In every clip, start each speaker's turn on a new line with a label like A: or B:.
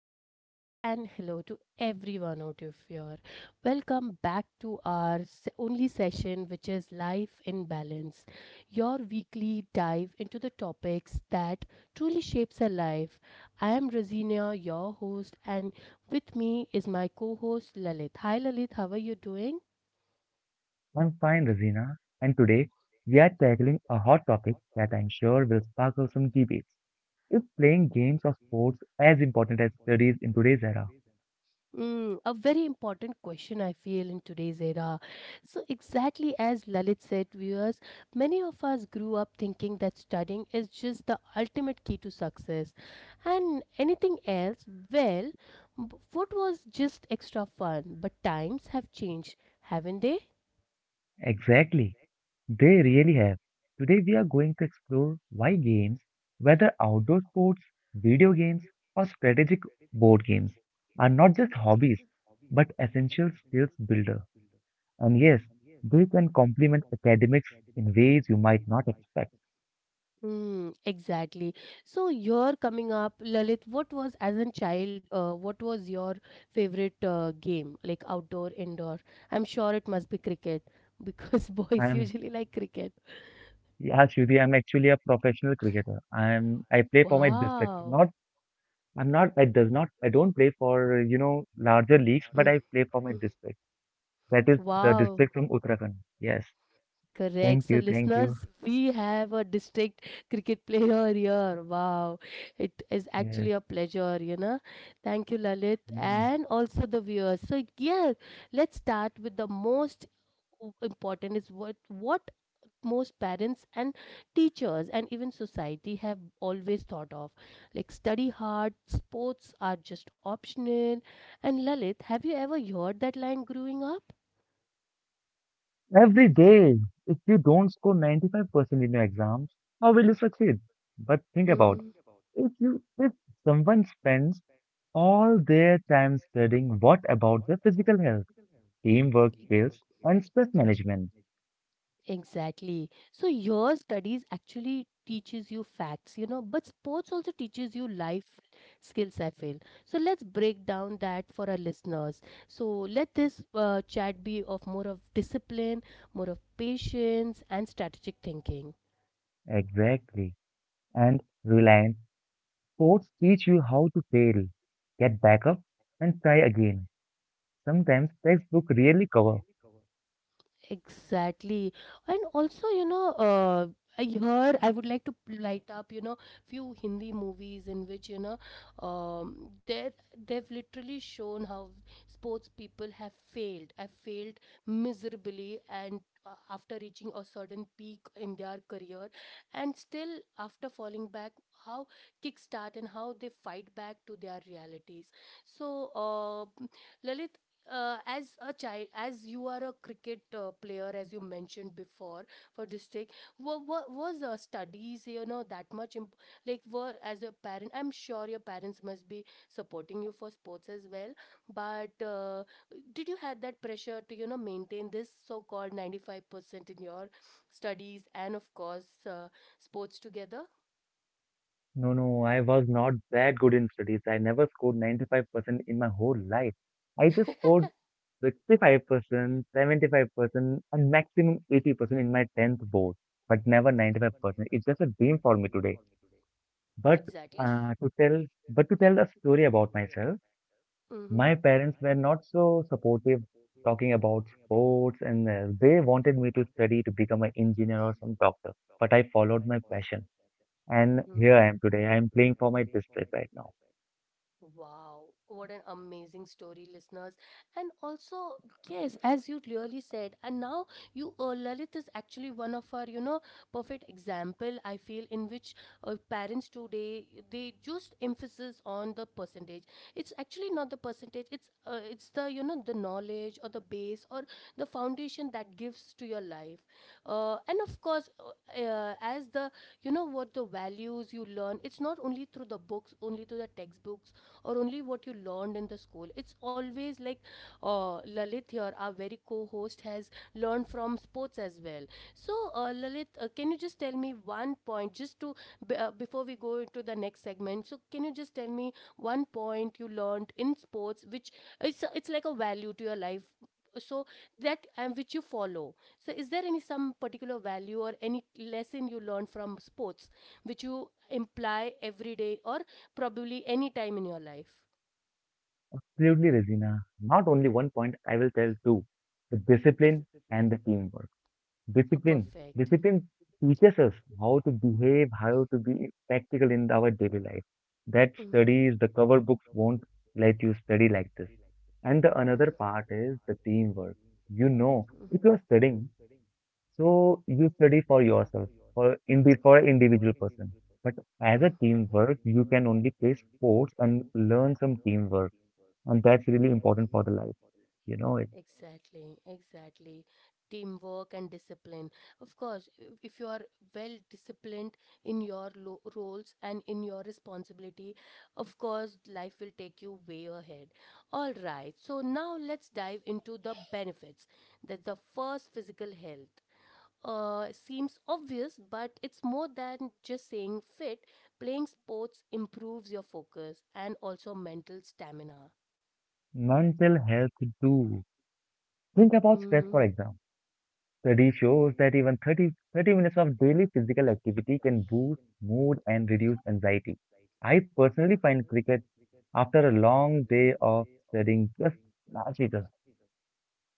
A: hello, and hello to everyone out of here. Welcome back to our only session, which is Life in Balance, your weekly dive into the topics that truly shapes our life. I am Rosina, your host, and with me is my co host Lalit. Hi, Lalit, how are you doing?
B: I'm fine, Rosina, and today we are tackling a hot topic that I'm sure will sparkle some debates. Is playing games or sports as important as studies in today's era?
A: A very important question, I feel, in today's era. So, exactly as Lalit said, viewers, many of us grew up thinking that studying is just the ultimate key to success, and anything else, well, what was just extra fun. But times have changed, haven't they?
B: Exactly, they really have. Today we are going to explore why games, whether outdoor sports, video games, or strategic board games, are not just hobbies but essential skills builder. And yes, they can complement academics in ways you might not expect.
A: Mm, exactly. So you're coming up, Lalit. What was as a child? What was your favorite game, like outdoor, indoor? I'm sure it must be cricket because
B: I
A: boys
B: am
A: usually like cricket.
B: Yeah, Shruti, I'm actually a professional cricketer. I play for my district.
A: Wow.
B: Not I'm not I does not I don't play for, larger leagues,
A: Mm,
B: but I play for my
A: mm.
B: district. That is the
A: Wow.
B: district from Uttarakhand. Yes.
A: Correct.
B: Thank
A: So,
B: you, thank you.
A: listeners, we have a district cricket player here. Wow. It is
B: Yes.
A: actually a pleasure. Thank you, Lalit,
B: Mm.
A: and also the viewers. So, yeah, let's start with the most important is what most parents and teachers and even society have always thought of, like, study hard, sports are just optional. And Lalit, have you ever heard that line growing up?
B: Every day, if you don't score 95% in your exams, how will you succeed? But think about
A: Mm-hmm.
B: if someone spends all their time studying, what about their physical health, teamwork skills, and stress management?
A: Exactly. So your studies actually teaches you facts, but sports also teaches you life skills, I feel. So let's break down that for our listeners. So let this chat be of more of discipline, more of patience and strategic thinking.
B: Exactly. And Reliance sports teach you how to fail, get back up, and try again. Sometimes textbook really cover.
A: Exactly. And also, I heard I would like to light up, few Hindi movies in which, you know, um, they they've literally shown how sports people have failed miserably, and after reaching a certain peak in their career, and still after falling back, how kickstart and how they fight back to their realities. So, Lalit, as a child, as you are a cricket player, as you mentioned before for district, was studies that much like were as a parent? I'm sure your parents must be supporting you for sports as well. But did you had that pressure to maintain this so-called 95% in your studies and of course sports together?
B: No, no, I was not that good in studies. I never scored 95% in my whole life. I just scored 65%, 75%, and maximum 80% in my 10th board, but never 95%. It's just a dream for me today. But
A: Exactly.
B: uh, to tell, but to tell a story about myself,
A: Mm-hmm.
B: my parents were not so supportive talking about sports, and they wanted me to study to become an engineer or some doctor. But I followed my passion, and here
A: Mm-hmm.
B: I am today. I am playing for my district right now.
A: Wow, what an amazing story, listeners. And also, yes, as you clearly said, and now Lalit is actually one of our perfect example, I feel, in which parents today, they just emphasis on the percentage. It's actually not the percentage, it's the knowledge or the base or the foundation that gives to your life. And of course, as what the values you learn, it's not only through the books, only through the textbooks or only what you learned in the school. It's always like Lalit here, our very co host, has learned from sports as well. So, Lalit, can you just tell me one point, just to before we go into the next segment? So, can you just tell me one point you learned in sports, which it's like a value to your life, so that and which you follow. So, is there any some particular value or any lesson you learned from sports which you imply every day or probably any time in your life.
B: Absolutely, Regina. Not only one point, I will tell two: the discipline
A: Of-
B: and the teamwork.
A: uh,
B: Discipline.
A: perfect.
B: Discipline teaches us how to behave, how to be practical in our daily life. That
A: Mhm.
B: studies, the cover books won't let you study like this. And the another part is the teamwork. You know, if you're studying, so you study for yourself, for an individual person. But as a
A: Mm,
B: teamwork, you can only play sports and learn some teamwork, and that's really important for the life. You know it.
A: Exactly, exactly. Teamwork and discipline. Of course, if you are well disciplined in your roles and in your responsibility, of course, life will take you way ahead. All right, so now let's dive into the benefits. That's the first physical health. Seems obvious, but it's more than just saying fit. Playing sports improves your focus and also mental stamina.
B: Mental health too. Think about stress,
A: Mhm.
B: for example. Study shows that even thirty minutes of daily physical activity can boost mood and reduce anxiety. I personally find cricket after a long day of studying just largely just,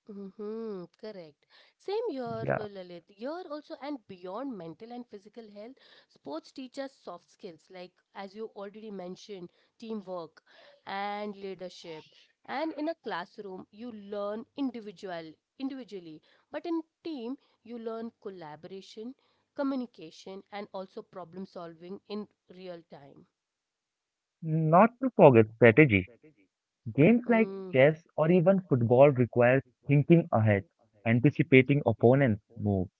A: Mm-hmm, correct. Same here,
B: yeah.
A: Lalit. Here also, and beyond mental and physical health, sports teach us soft skills like, as you already mentioned, teamwork and leadership. And in a classroom, you learn individually, but in team, you learn collaboration, communication, and also problem solving in real time.
B: Not to forget strategy. Games like
A: Mm.
B: chess or even football require thinking ahead, anticipating opponents' moves.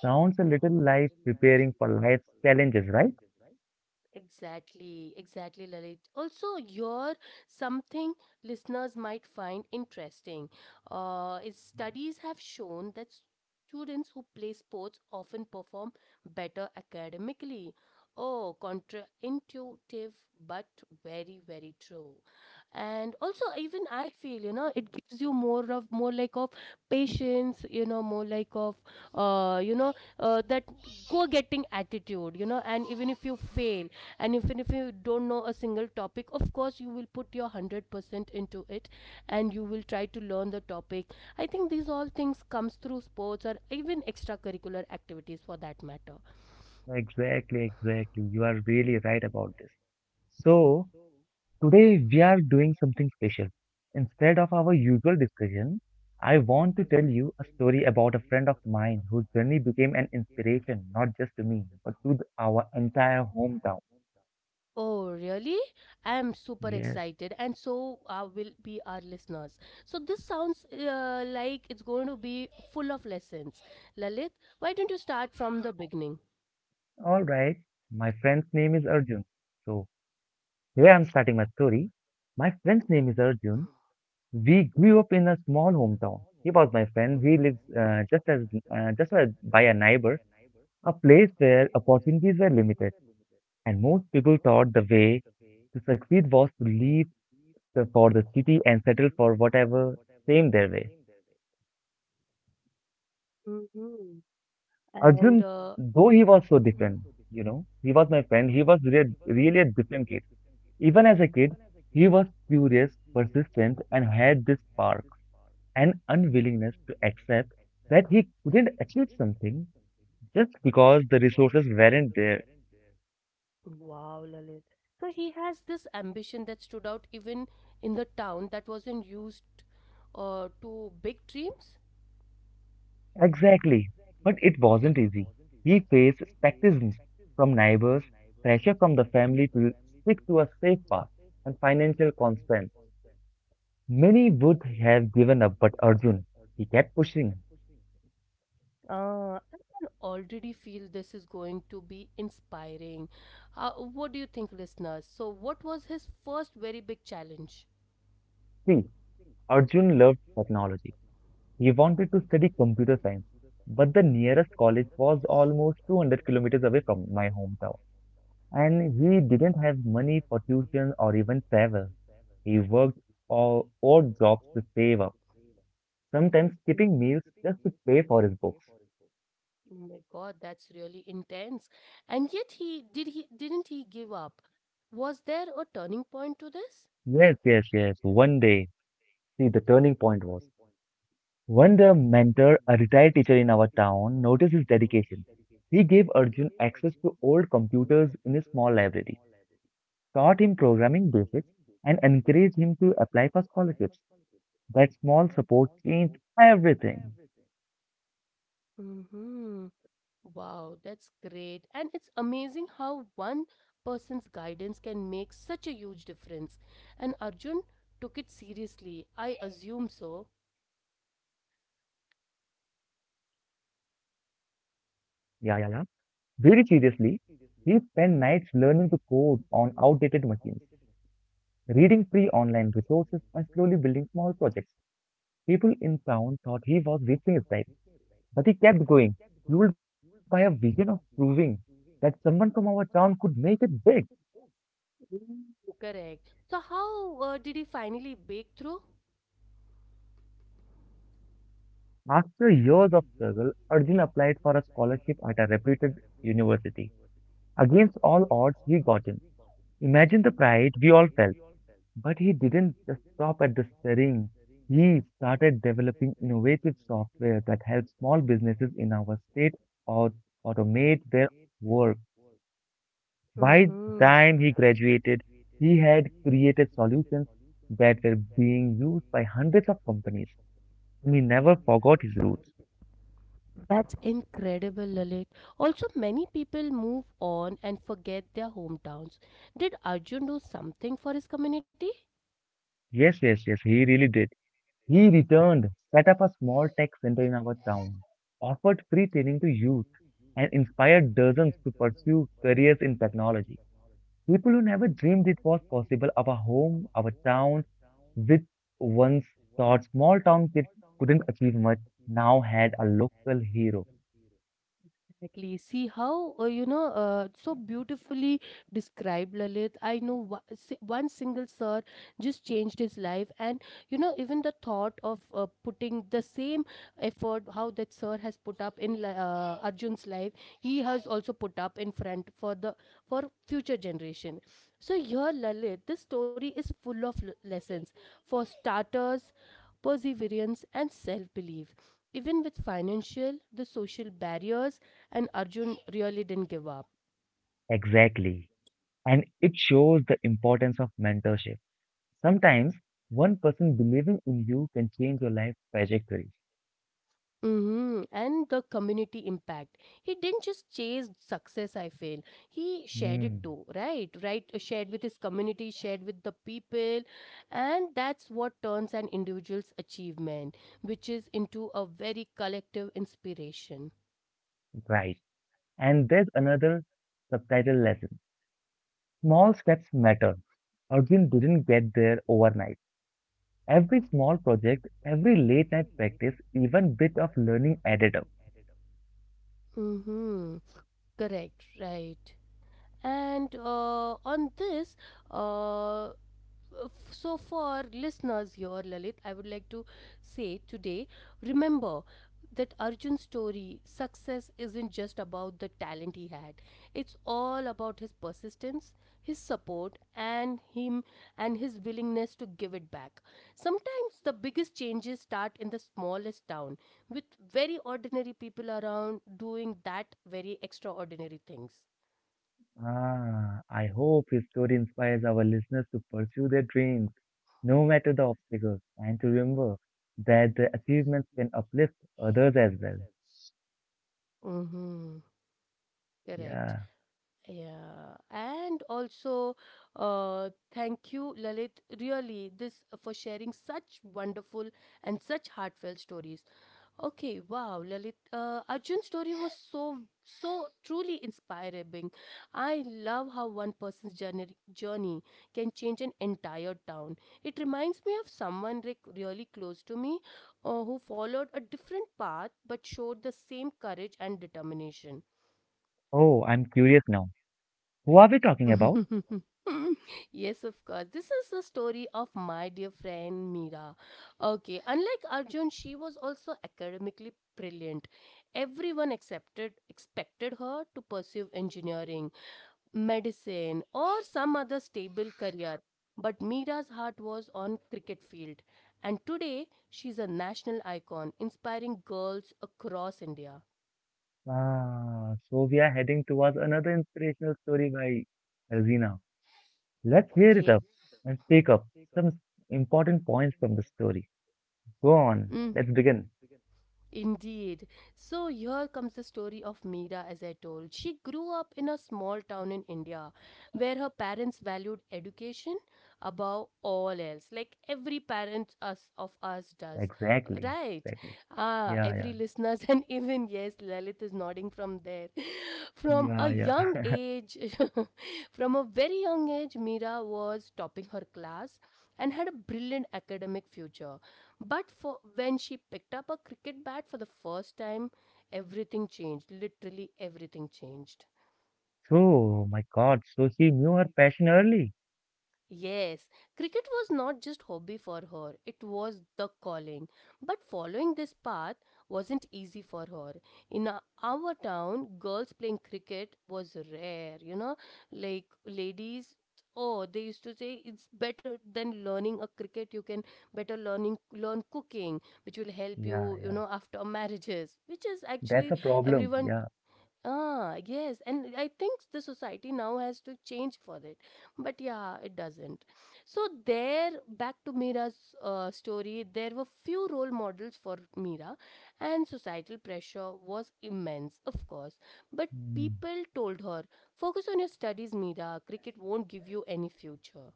B: Sounds a little like preparing for life's challenges, right?
A: Exactly, exactly, Lalit. Also, your something listeners might find interesting is studies have shown that students who play sports often perform better academically. Oh, contraintuitive, but very, very true. And also, even I feel it gives you more like of patience, more like of uh, you know that go getting attitude. And even if you fail and even if you don't know a single topic, of course, you will put your 100% into it, and you will try to learn the topic. I think these all things comes through sports or even extracurricular activities for that matter.
B: Exactly, exactly. You are really right about this. So, today, we are doing something special. Instead of our usual discussion, I want to tell you a story about a friend of mine whose journey became an inspiration, not just to me, but to our entire hometown.
A: Oh really, I am super
B: Yes,
A: excited, and so will be our listeners. So this sounds like it's going to be full of lessons, Lalit. Why don't you start from the beginning?
B: alright. My friend's name is Arjun. So, here I'm starting my story. My friend's name is Arjun. We grew up in a small hometown. He was my friend. He lives just as by a neighbor, a place where opportunities were limited and most people thought the way to succeed was to leave for the city and settle for whatever came their way.
A: Mm-hmm. and
B: Arjun, though he was so
A: mhm.
B: different, he was my friend, he was really a different kid. Even as a kid, he was curious, persistent, and had this spark and unwillingness to accept that he couldn't achieve something just because the resources weren't there.
A: Wow, Lalit. So he has this ambition that stood out even in the town that wasn't used to big dreams.
B: Exactly. But it wasn't easy. He faced skepticism from neighbors, pressure from the family to stick to a safe path, and financial constraints. Many would have given up, but Arjun, he kept pushing.
A: I can already feel this is going to be inspiring. What do you think, listeners? So, what was his first very big challenge?
B: See, Arjun loved technology. He wanted to study computer science, but the nearest college was almost 200 kilometers away from my hometown. And he didn't have money for tuition or even travel. He worked all odd jobs to save up sometimes
A: Mm,
B: skipping meals just to pay for his books.
A: oh my God, that's really intense. And yet, he didn't he give up? Was there a turning point to this?
B: Yes, yes, yes. One day. See, the turning point was when the mentor, a retired teacher in our town, noticed his dedication. He gave Arjun access to old computers in his small library, taught him programming basics, and encouraged him to apply for scholarships. That small support changed everything.
A: Mm-hmm. Wow, that's great. And it's amazing how one person's guidance can make such a huge difference. And Arjun took it seriously. I assume so.
B: Yeah, yeah, yeah. Very seriously, he spent nights learning to code on outdated machines, reading free online resources and slowly building small projects. People in town thought he was wasting his time, but he kept going, fueled by a vision of proving that someone from our town could make it big.
A: Correct. So, how did he finally break through?
B: After years of struggle, Arjun applied for a scholarship at a reputed university. Against all odds, he got in. Imagine the pride we all felt. But he didn't just stop at the steering. He started developing innovative software that helps small businesses in our state or automate their work. By the
A: hmm
B: time he graduated, he had created solutions that were being used by hundreds of companies. He never forgot his roots.
A: That's incredible, Lalit. Also, many people move on and forget their hometowns. Did Arjun do something for his community?
B: Yes, yes, yes, he really did. He returned, set up a small tech center in our town, offered free training to youth, and inspired dozens to pursue careers in technology. People who never dreamed it was possible, our home, our town, which once thought small town kids couldn't achieve much, now had a local hero.
A: Exactly. See how, so beautifully described Lalit. I know one single sir just changed his life. And even the thought of putting the same effort, how that sir has put up in Arjun's life, he has also put up in front for the for future generation. So here, Lalit, this story is full of lessons. For starters, perseverance, and self belief. Even with financial, the social barriers, and Arjun really didn't give up.
B: Exactly. And it shows the importance of mentorship. Sometimes one person believing in you can change your life trajectory.
A: And the community impact. He didn't just chase success, I feel. He shared
B: Hmm,
A: it too, right? Right? Shared with his community, shared with the people. And that's what turns an individual's achievement, which is into a very collective inspiration.
B: right. And there's another subtitle lesson. Small steps matter. Arjun didn't get there overnight. Every small project, every late night practice, even bit of learning added up.
A: Mm-hmm. Correct, right. And on this, uh, f- so for listeners here, Lalit, I would like to say today, remember that Arjun's story, success isn't just about the talent he had, it's all about his persistence, his support, and him and his willingness to give it back. Sometimes the biggest changes start in the smallest town with very ordinary people around doing that very extraordinary things.
B: Ah, I hope his story inspires our listeners to pursue their dreams, no matter the obstacles, and to remember that the achievements can uplift others as well.
A: Mm-hmm. Correct.
B: Yeah.
A: Yeah. And also, thank you, Lalit, really, this for sharing such wonderful and such heartfelt stories. Okay, wow, Lalit, Arjun's story was so, so truly inspiring. I love how one person's journey can change an entire town. It reminds me of someone like really close to me, who followed a different path but showed the same courage and determination.
B: Oh, I'm curious now. Who are we talking about?
A: Yes, of course. This is the story of my dear friend Meera. Okay, unlike Arjun, she was also academically brilliant. Everyone accepted expected her to pursue engineering, medicine, or some other stable career. But Meera's heart was on cricket field, and today she's a national icon, inspiring girls across India.
B: Ah, so we are heading towards another inspirational story by Alzina. Let's hear it
A: Yeah.
B: up and pick up some important points from the story. Go on,
A: Mm.
B: let's begin.
A: Indeed. So here comes the story of Meera, as I told. She grew up in a small town in India where her parents valued education above all else, like every parent us of us does.
B: Exactly,
A: Right?
B: exactly.
A: Ah,
B: Yeah, yeah,
A: every listeners and even yes, Lalit is nodding from there. From a
B: yeah, yeah.
A: young age, from a very young age, Meera was topping her class and had a brilliant academic future. But for when she picked up a cricket bat for the first time, everything changed. Literally everything changed.
B: So, my God, so she knew her passion early.
A: Yes, cricket was not just hobby for her, it was the calling. But following this path wasn't easy for her. In our town, girls playing cricket was rare, you know, like ladies, oh, they used to say it's better than learning a cricket, you can better learn cooking which will help
B: Yeah,
A: you you
B: yeah.
A: know after marriages which is
B: That's
A: actually
B: a problem.
A: everyone.
B: Yeah.
A: Ah, yes, and I think the society now has to change for it, but yeah, it doesn't. So there, back to Mira's story, there were few role models for Mira, and societal pressure was immense, of course. But
B: Mm.
A: people told her, "Focus on your studies, Mira. Cricket won't give you any future."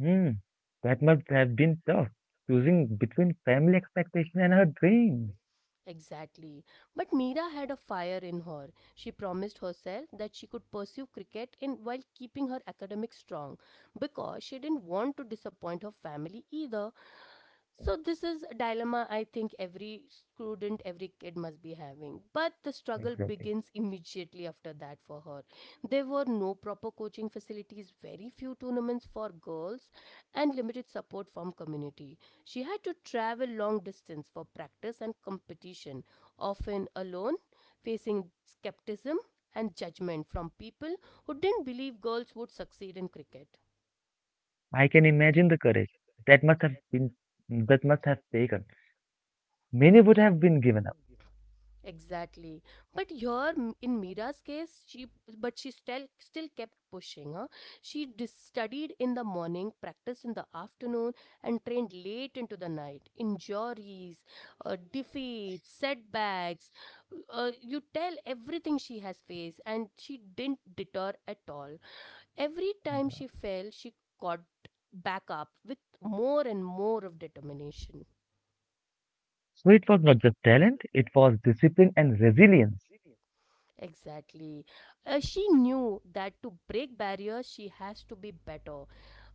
B: Mm. That must have been tough, choosing between family expectation and her dream.
A: Exactly. But Meera had a fire in her. She promised herself that she could pursue cricket in while keeping her academics strong because she didn't want to disappoint her family either. So this is a dilemma I think every student, every kid must be having. But the struggle
B: Exactly.
A: begins immediately after that for her. There were no proper coaching facilities, very few tournaments for girls, and limited support from community. She had to travel long distance for practice and competition, often alone, facing skepticism and judgment from people who didn't believe girls would succeed in cricket.
B: I can imagine the courage that must have been that must have taken. Many would have been given up.
A: Exactly. But here in Mira's case, she still kept pushing. Huh? She studied in the morning, practiced in the afternoon, and trained late into the night. Injuries, defeats, setbacks. You tell everything she has faced, and she didn't deter at all. Every time she fell, she got back up with more and more of determination.
B: So it was not just talent, it was discipline and resilience.
A: Exactly. She knew that to break barriers, she has to be better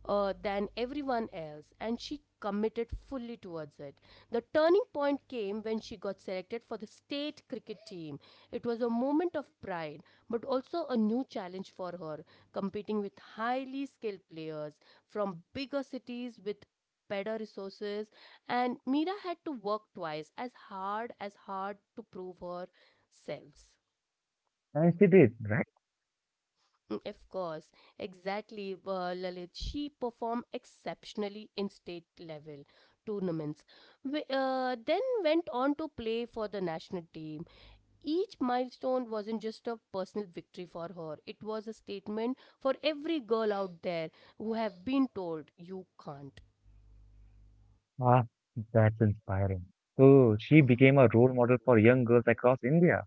A: than everyone else, and she committed fully towards it. The turning point came when she got selected for the state cricket team. It was a moment of pride, but also a new challenge for her, competing with highly skilled players from bigger cities with better resources, and mira had to work twice as hard to prove herself.
B: And she did, right?
A: Mm. Of course, exactly, Lalit. She performed exceptionally in state level tournaments. We then went on to play for the national team. Each milestone wasn't just a personal victory for her, it was a statement for every girl out there who have been told, "You can't."
B: Ah, that's inspiring. So she became a role model for young girls across India.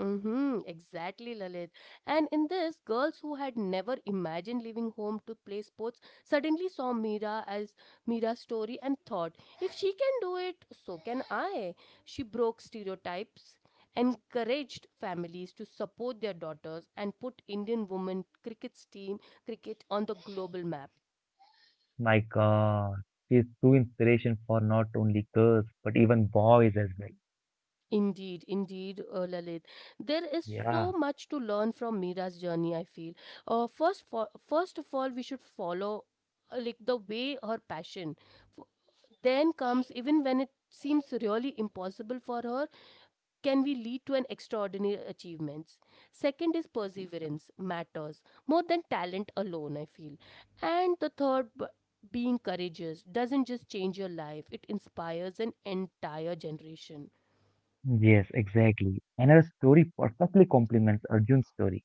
A: Mm-hmm, exactly, Lalit. And in this, girls who had never imagined leaving home to play sports suddenly saw Mira's story and thought, if she can do it, so can I. She broke stereotypes, encouraged families to support their daughters, and put Indian women cricket on the global map.
B: My God, she is true inspiration for not only girls, but even boys as well.
A: Indeed, indeed, Lalit. There is so
B: Yeah,
A: much to learn from Mira's journey, I feel. First of all, we should follow like the way her passion. f- Then comes, even when it seems really impossible for her, can we lead to an extraordinary achievements. Second is perseverance matters more than talent alone, I feel. And the third, being courageous doesn't just change your life, it inspires an entire generation.
B: yes, exactly. And her story perfectly complements Arjun's story.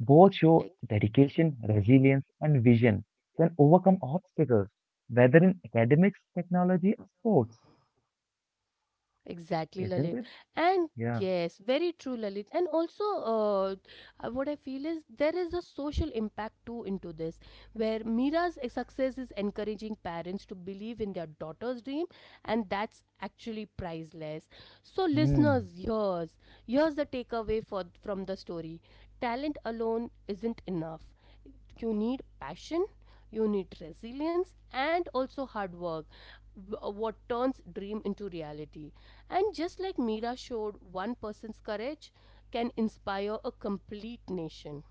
B: Both show dedication, resilience, and vision can overcome obstacles, whether in academics, technology, or sports,
A: Exactly, Lalit.
B: isn't it?
A: And
B: Yeah.
A: yes, very true, Lalit. And also, what I feel is there is a social impact too into this, where Mira's success is encouraging parents to believe in their daughter's dream, and that's actually priceless. So,
B: Hmm.
A: listeners, here's the takeaway for from the story: talent alone isn't enough. You need passion, you need resilience, and also hard work, what turns dream into reality. And just like Mira showed, one person's courage can inspire a complete nation.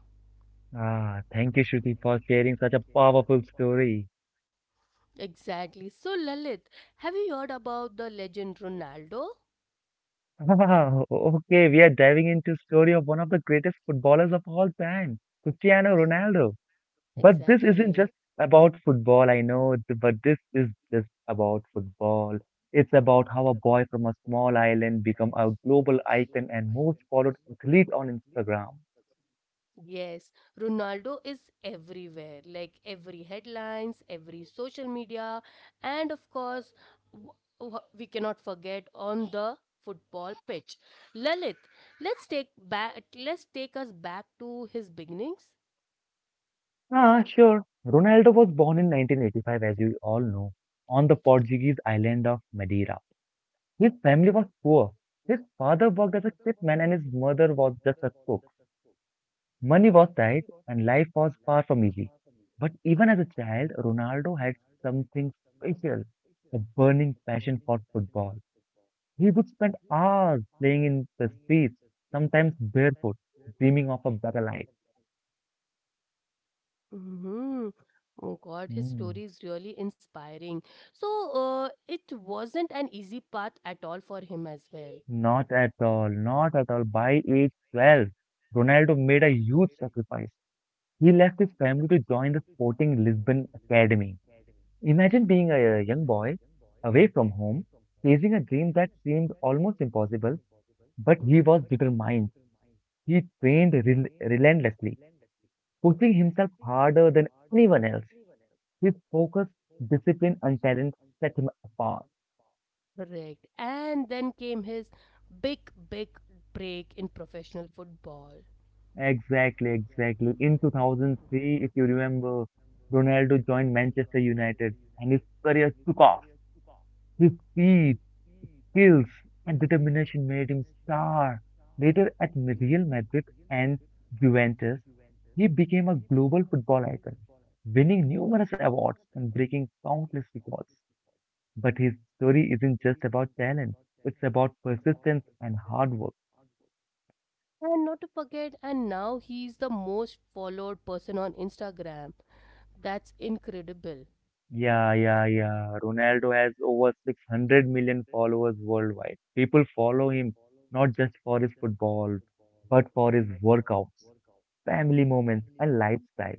B: Ah, thank you, Shruti, for sharing such a powerful story.
A: Exactly. So, Lalit, have you heard about the legend Ronaldo?
B: Wow, okay, we are diving into story of one of the greatest footballers of all time, Cristiano Ronaldo. But this isn't
A: Exactly.
B: just about football, I know, but this is just about football. It's about how a boy from a small island become a global icon and most followed athlete on Instagram.
A: Yes, Ronaldo is everywhere, like every headlines, every social media, and of course, w- we cannot forget on the football pitch. Lalit, let's take us back to his beginnings.
B: Ah, sure. Ronaldo was born in 1985, as you all know, on the Portuguese island of Madeira. His family was poor. His father worked as a shipman and his mother was just a cook. Money was tight and life was far from easy. But even as a child, Ronaldo had something special, a burning passion for football. He would spend hours playing in the streets, sometimes barefoot, dreaming of a better life.
A: Hmm. Oh God, his
B: Mm.
A: story is really inspiring. So, it wasn't an easy path at all for him as well.
B: Not at all, not at all. By age 12, Ronaldo made a huge sacrifice. He left his family to join the Sporting Lisbon Academy. Imagine being a young boy away from home, chasing a dream that seemed almost impossible, but he was determined. He trained relentlessly, pushing himself harder than anyone else. His focus, discipline, and talent set him apart.
A: Correct. And then came his big, big break in professional football.
B: Exactly, exactly. In 2003, if you remember, Ronaldo joined Manchester United and his career took off. His speed, skills, and determination made him star. Later at Real Madrid and Juventus, he became a global football icon, winning numerous awards and breaking countless records. But his story isn't just about talent, it's about persistence and hard work.
A: And not to forget, and now he's the most followed person on Instagram. That's incredible.
B: Yeah, yeah, yeah. Ronaldo has over 600 million followers worldwide. People follow him not just for his football, but for his workouts, family moments, and lifestyle.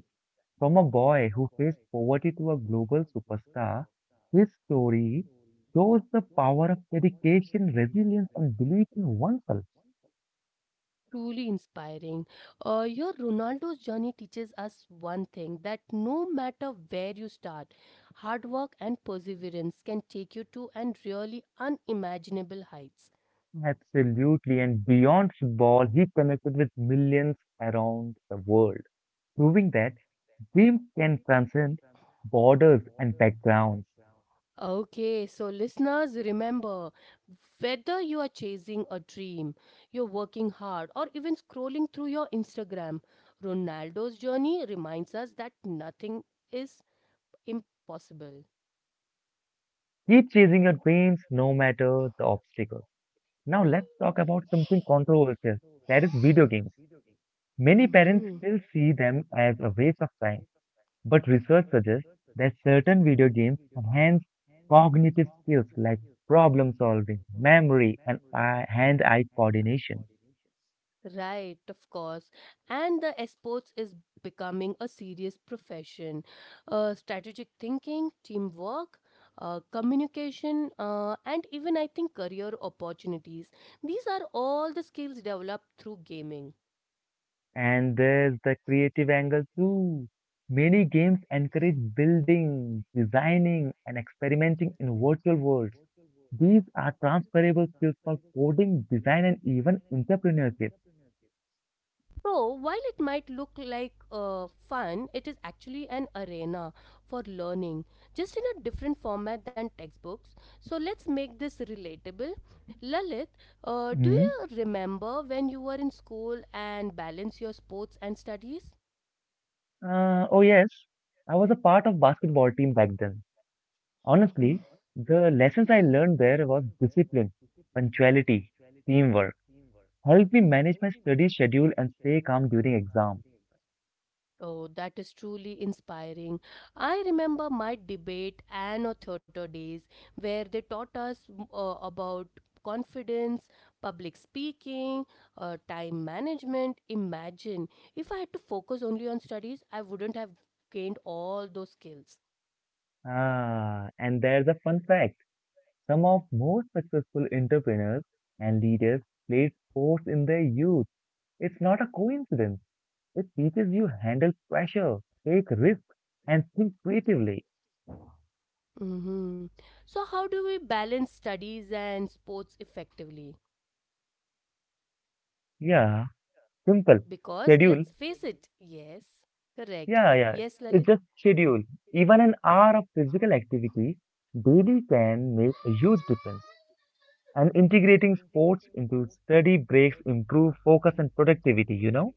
B: From a boy who faced poverty to a global superstar, his story shows the power of dedication, resilience, and belief in oneself.
A: Truly inspiring. Your Ronaldo's journey teaches us one thing that no matter where you start, hard work and perseverance can take you to and really unimaginable heights.
B: Absolutely, and beyond football, he connected with millions around the world, proving that dreams can transcend borders and backgrounds.
A: Okay, so listeners, remember whether you are chasing a dream, you're working hard, or even scrolling through your Instagram, Ronaldo's journey reminds us that nothing is impossible.
B: Keep chasing your dreams no matter the obstacles. Now, let's talk about something controversial, that is, video games. Many parents
A: Hmm.
B: still see them as a waste of time. But research suggests that certain video games enhance cognitive skills like problem solving, memory, and eye- hand-eye coordination.
A: Right, of course. And the sports is becoming a serious profession. Strategic thinking, teamwork, communication, and even I think career opportunities. These are all the skills developed through gaming.
B: And there's the creative angle too. Many games encourage building, designing, and experimenting in virtual worlds. These are transferable skills for coding, design, and even entrepreneurship.
A: So, while it might look like fun, it is actually an arena for learning, just in a different format than textbooks. So, let's make this relatable. Lalit, do
B: Hmm?
A: you remember when you were in school and balance your sports and studies?
B: Oh, yes. I was a part of basketball team back then. Honestly, the lessons I learned there was discipline, punctuality, teamwork. Helped me manage my study schedule and stay calm during exam.
A: Oh, that is truly inspiring. I remember my debate and or theater days where they taught us about confidence, public speaking, time management. Imagine if I had to focus only on studies, I wouldn't have gained all those skills.
B: Ah, and there's a fun fact. Some of most successful entrepreneurs and leaders played sports in their youth. It's not a coincidence. It teaches you handle pressure, take risks, and think creatively.
A: Hmm. So, how do we balance studies and sports effectively?
B: Yeah, simple.
A: Because
B: Schedule.
A: let's face it, yes, correct.
B: Yeah, yeah.
A: Yes,
B: It's
A: Lalit.
B: just schedule. Even an hour of physical activity daily can make a huge difference. And integrating sports into study breaks improve focus and productivity, you know?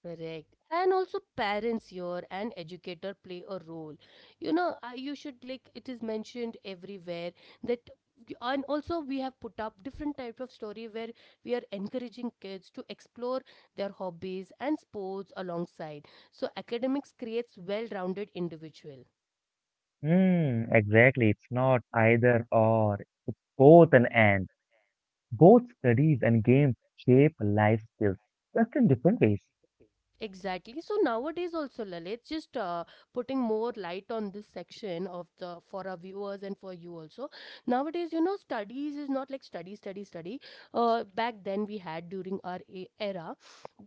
A: Correct. And also parents here and educator play a role. You know, you should like it is mentioned everywhere that and also we have put up different types of story where we are encouraging kids to explore their hobbies and sports alongside. So academics creates well-rounded individual.
B: Hmm, exactly. It's not either or, both and and. Both studies and games shape life skills, just in different ways.
A: Exactly. So nowadays also, Lalit, just putting more light on this section of the for our viewers and for you also. Nowadays, you know, studies is not like study, study, study. Back then we had during our era,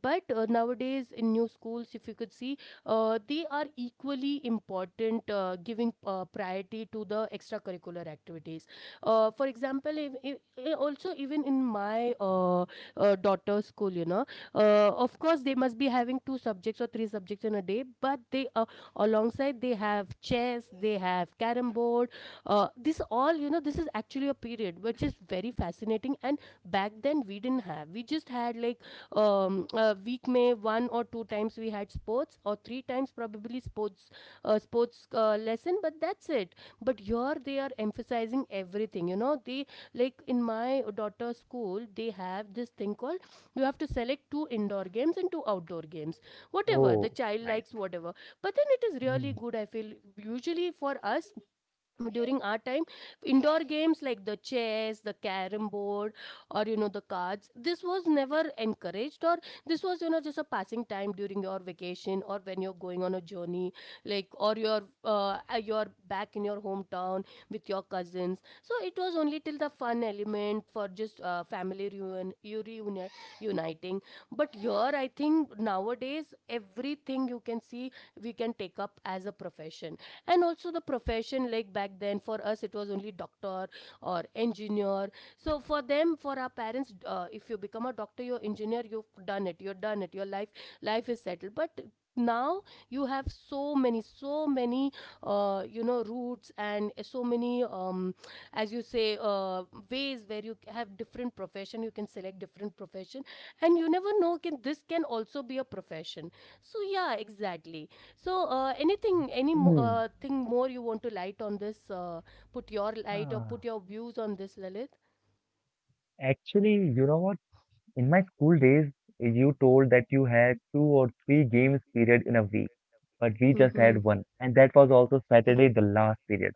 A: but nowadays in new schools, if you could see, they are equally important, giving priority to the extracurricular activities. For example, if, eh, also even in my daughter's school, you know, of course they must be having two subjects or three subjects in a day, but they alongside they have chess, they have carom board. This all, you know, this is actually a period which is very fascinating. And back then we didn't have, we just had like a week may one or two times we had sports or three times probably sports, lesson, but that's it. But here they are emphasizing everything, you know. They, like in my daughter's school, they have this thing called, you have to select two indoor games and two outdoor games, whatever the
B: Oh,
A: child
B: nice.
A: likes, whatever, but then it is really
B: Hmm.
A: good, I feel. Usually for us during our time, indoor games like the chess, the carom board, or you know, the cards, this was never encouraged, or this was, you know, just a passing time during your vacation or when you're going on a journey, like, or your you're back in your hometown with your cousins. So it was only till the fun element for just family reunion, you uniting. But here I think nowadays everything, you can see, we can take up as a profession. And also the profession, like back then for us it was only doctor or engineer. So for them, for our parents, if you become a doctor, you're engineer, you've done it, you're done it, your life life is settled. But now you have so many you know routes, and so many, as you say, ways where you have different profession, you can select different profession. And you never know, can this can also be a profession? So yeah, exactly. So,
B: Hmm.
A: thing more you want to light on this? Put your light or put
B: Ah.
A: your views on this, Lalit.
B: Actually, you know what? In my school days, you told that you had two or three games period in a week, but we just
A: Mm-hmm.
B: had one, and that was also Saturday, the last period.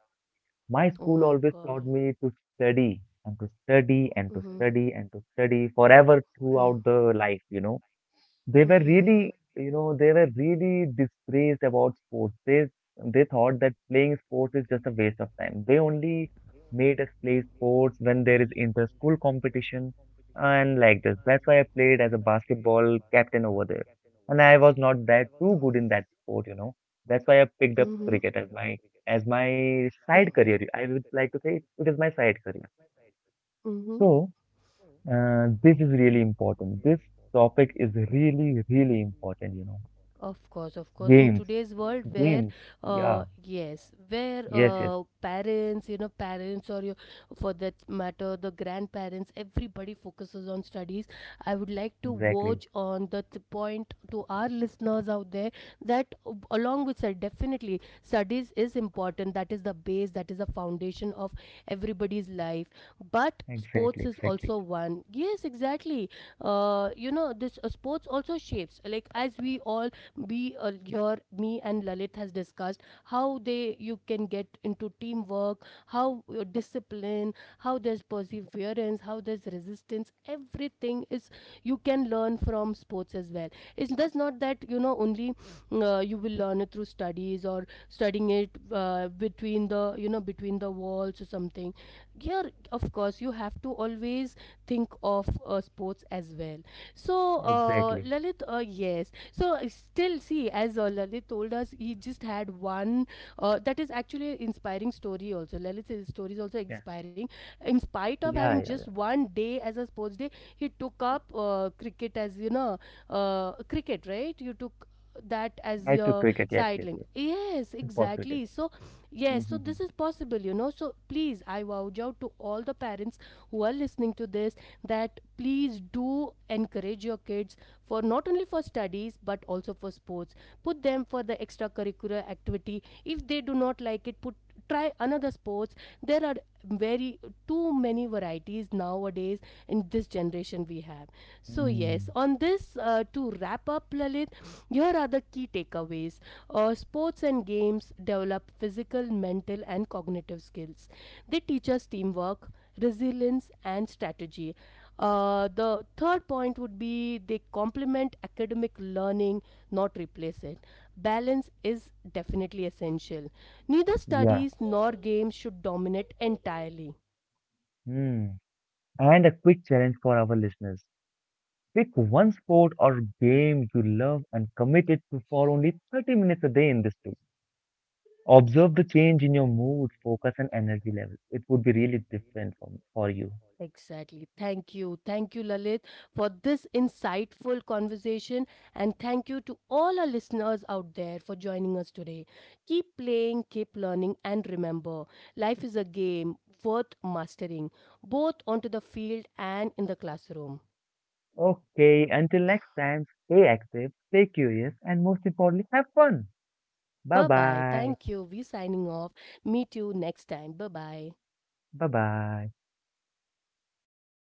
B: My
A: Oh
B: school
A: my
B: always
A: God.
B: taught me to study and to study and
A: Mm-hmm.
B: to study and to study forever
A: Mm-hmm.
B: throughout the life, they were
A: Mm-hmm.
B: really, you know, they were really disgraced about sports. They thought that playing sports is just a waste of time. They only made us play sports when there is inter-school competition and like this. That's why I played as a basketball captain over there. And I was not that too good in that sport, you know. That's why I picked up
A: Mm-hmm.
B: cricket as my side career. I would like to say it is my side career.
A: Mm-hmm.
B: So, this is really important. This topic is really, really important, you know.
A: Of course, of course. In
B: Games,
A: today's world, where,
B: games. Yeah.
A: yes, where
B: Yes, yes.
A: parents, you know, parents or your, for that matter, the grandparents, everybody focuses on studies. I would like to
B: Exactly.
A: verge on the point to our listeners out there that, along with that, definitely, studies is important. That is the base, that is the foundation of everybody's life. But
B: Exactly.
A: sports is
B: Exactly.
A: also one. Yes, exactly. You know, this sports also shapes, like as we all, we your me and lalit has discussed, how they, you can get into teamwork, how discipline, how there's perseverance, how there's resistance, everything is, you can learn from sports as well. It's just not that, you know, only you will learn it through studies or studying it between the, you know, between the walls or something. Here of course you have to always think of sports as well. So,
B: Exactly.
A: Yes. So, still, see, as Lalit told us, he just had one, that is actually inspiring story also. Lalit's story is also
B: Yeah.
A: inspiring. In spite of having
B: Yeah. Yeah.
A: just
B: Yeah.
A: one day as a sports day, he took up cricket as, you know, cricket, right? You took that as
B: I took
A: your
B: cricket. Yes, yes,
A: sideline.
B: yes.
A: Yes,
B: It cricket.
A: exactly. So, yes, so
B: Mm-hmm.
A: this is possible, you know. So, please, I vouch out to all the parents who are listening to this, that please do encourage your kids for not only for studies but also for sports. Put them for the extracurricular activity. If they do not like it, put try another sports. There are very too many varieties nowadays in this generation we have. So yes,
B: Mm.
A: on this to wrap up, Lalit, here are the key takeaways. Sports and games develop physical, mental and cognitive skills. They teach us teamwork, resilience and strategy. The third point would be they complement academic learning, not replace it. Balance is definitely essential, neither
B: Yeah.
A: studies nor games should dominate entirely.
B: Mm. And a quick challenge for our listeners. Pick one sport or game you love and commit it to for only 30 minutes a day in this too. Observe the change in your mood, focus, and energy levels. It would be really different for you.
A: Exactly. Thank you. Thank you, Lalit, for this insightful conversation. And thank you to all our listeners out there for joining us today. Keep playing, keep learning, and remember life is a game worth mastering, both onto the field and in the classroom.
B: Okay, until next time, stay active, stay curious, and most importantly, have fun. Bye
A: Bye bye.
B: bye.
A: Thank you. We're signing off. Meet you next time. Bye bye.
B: Bye bye.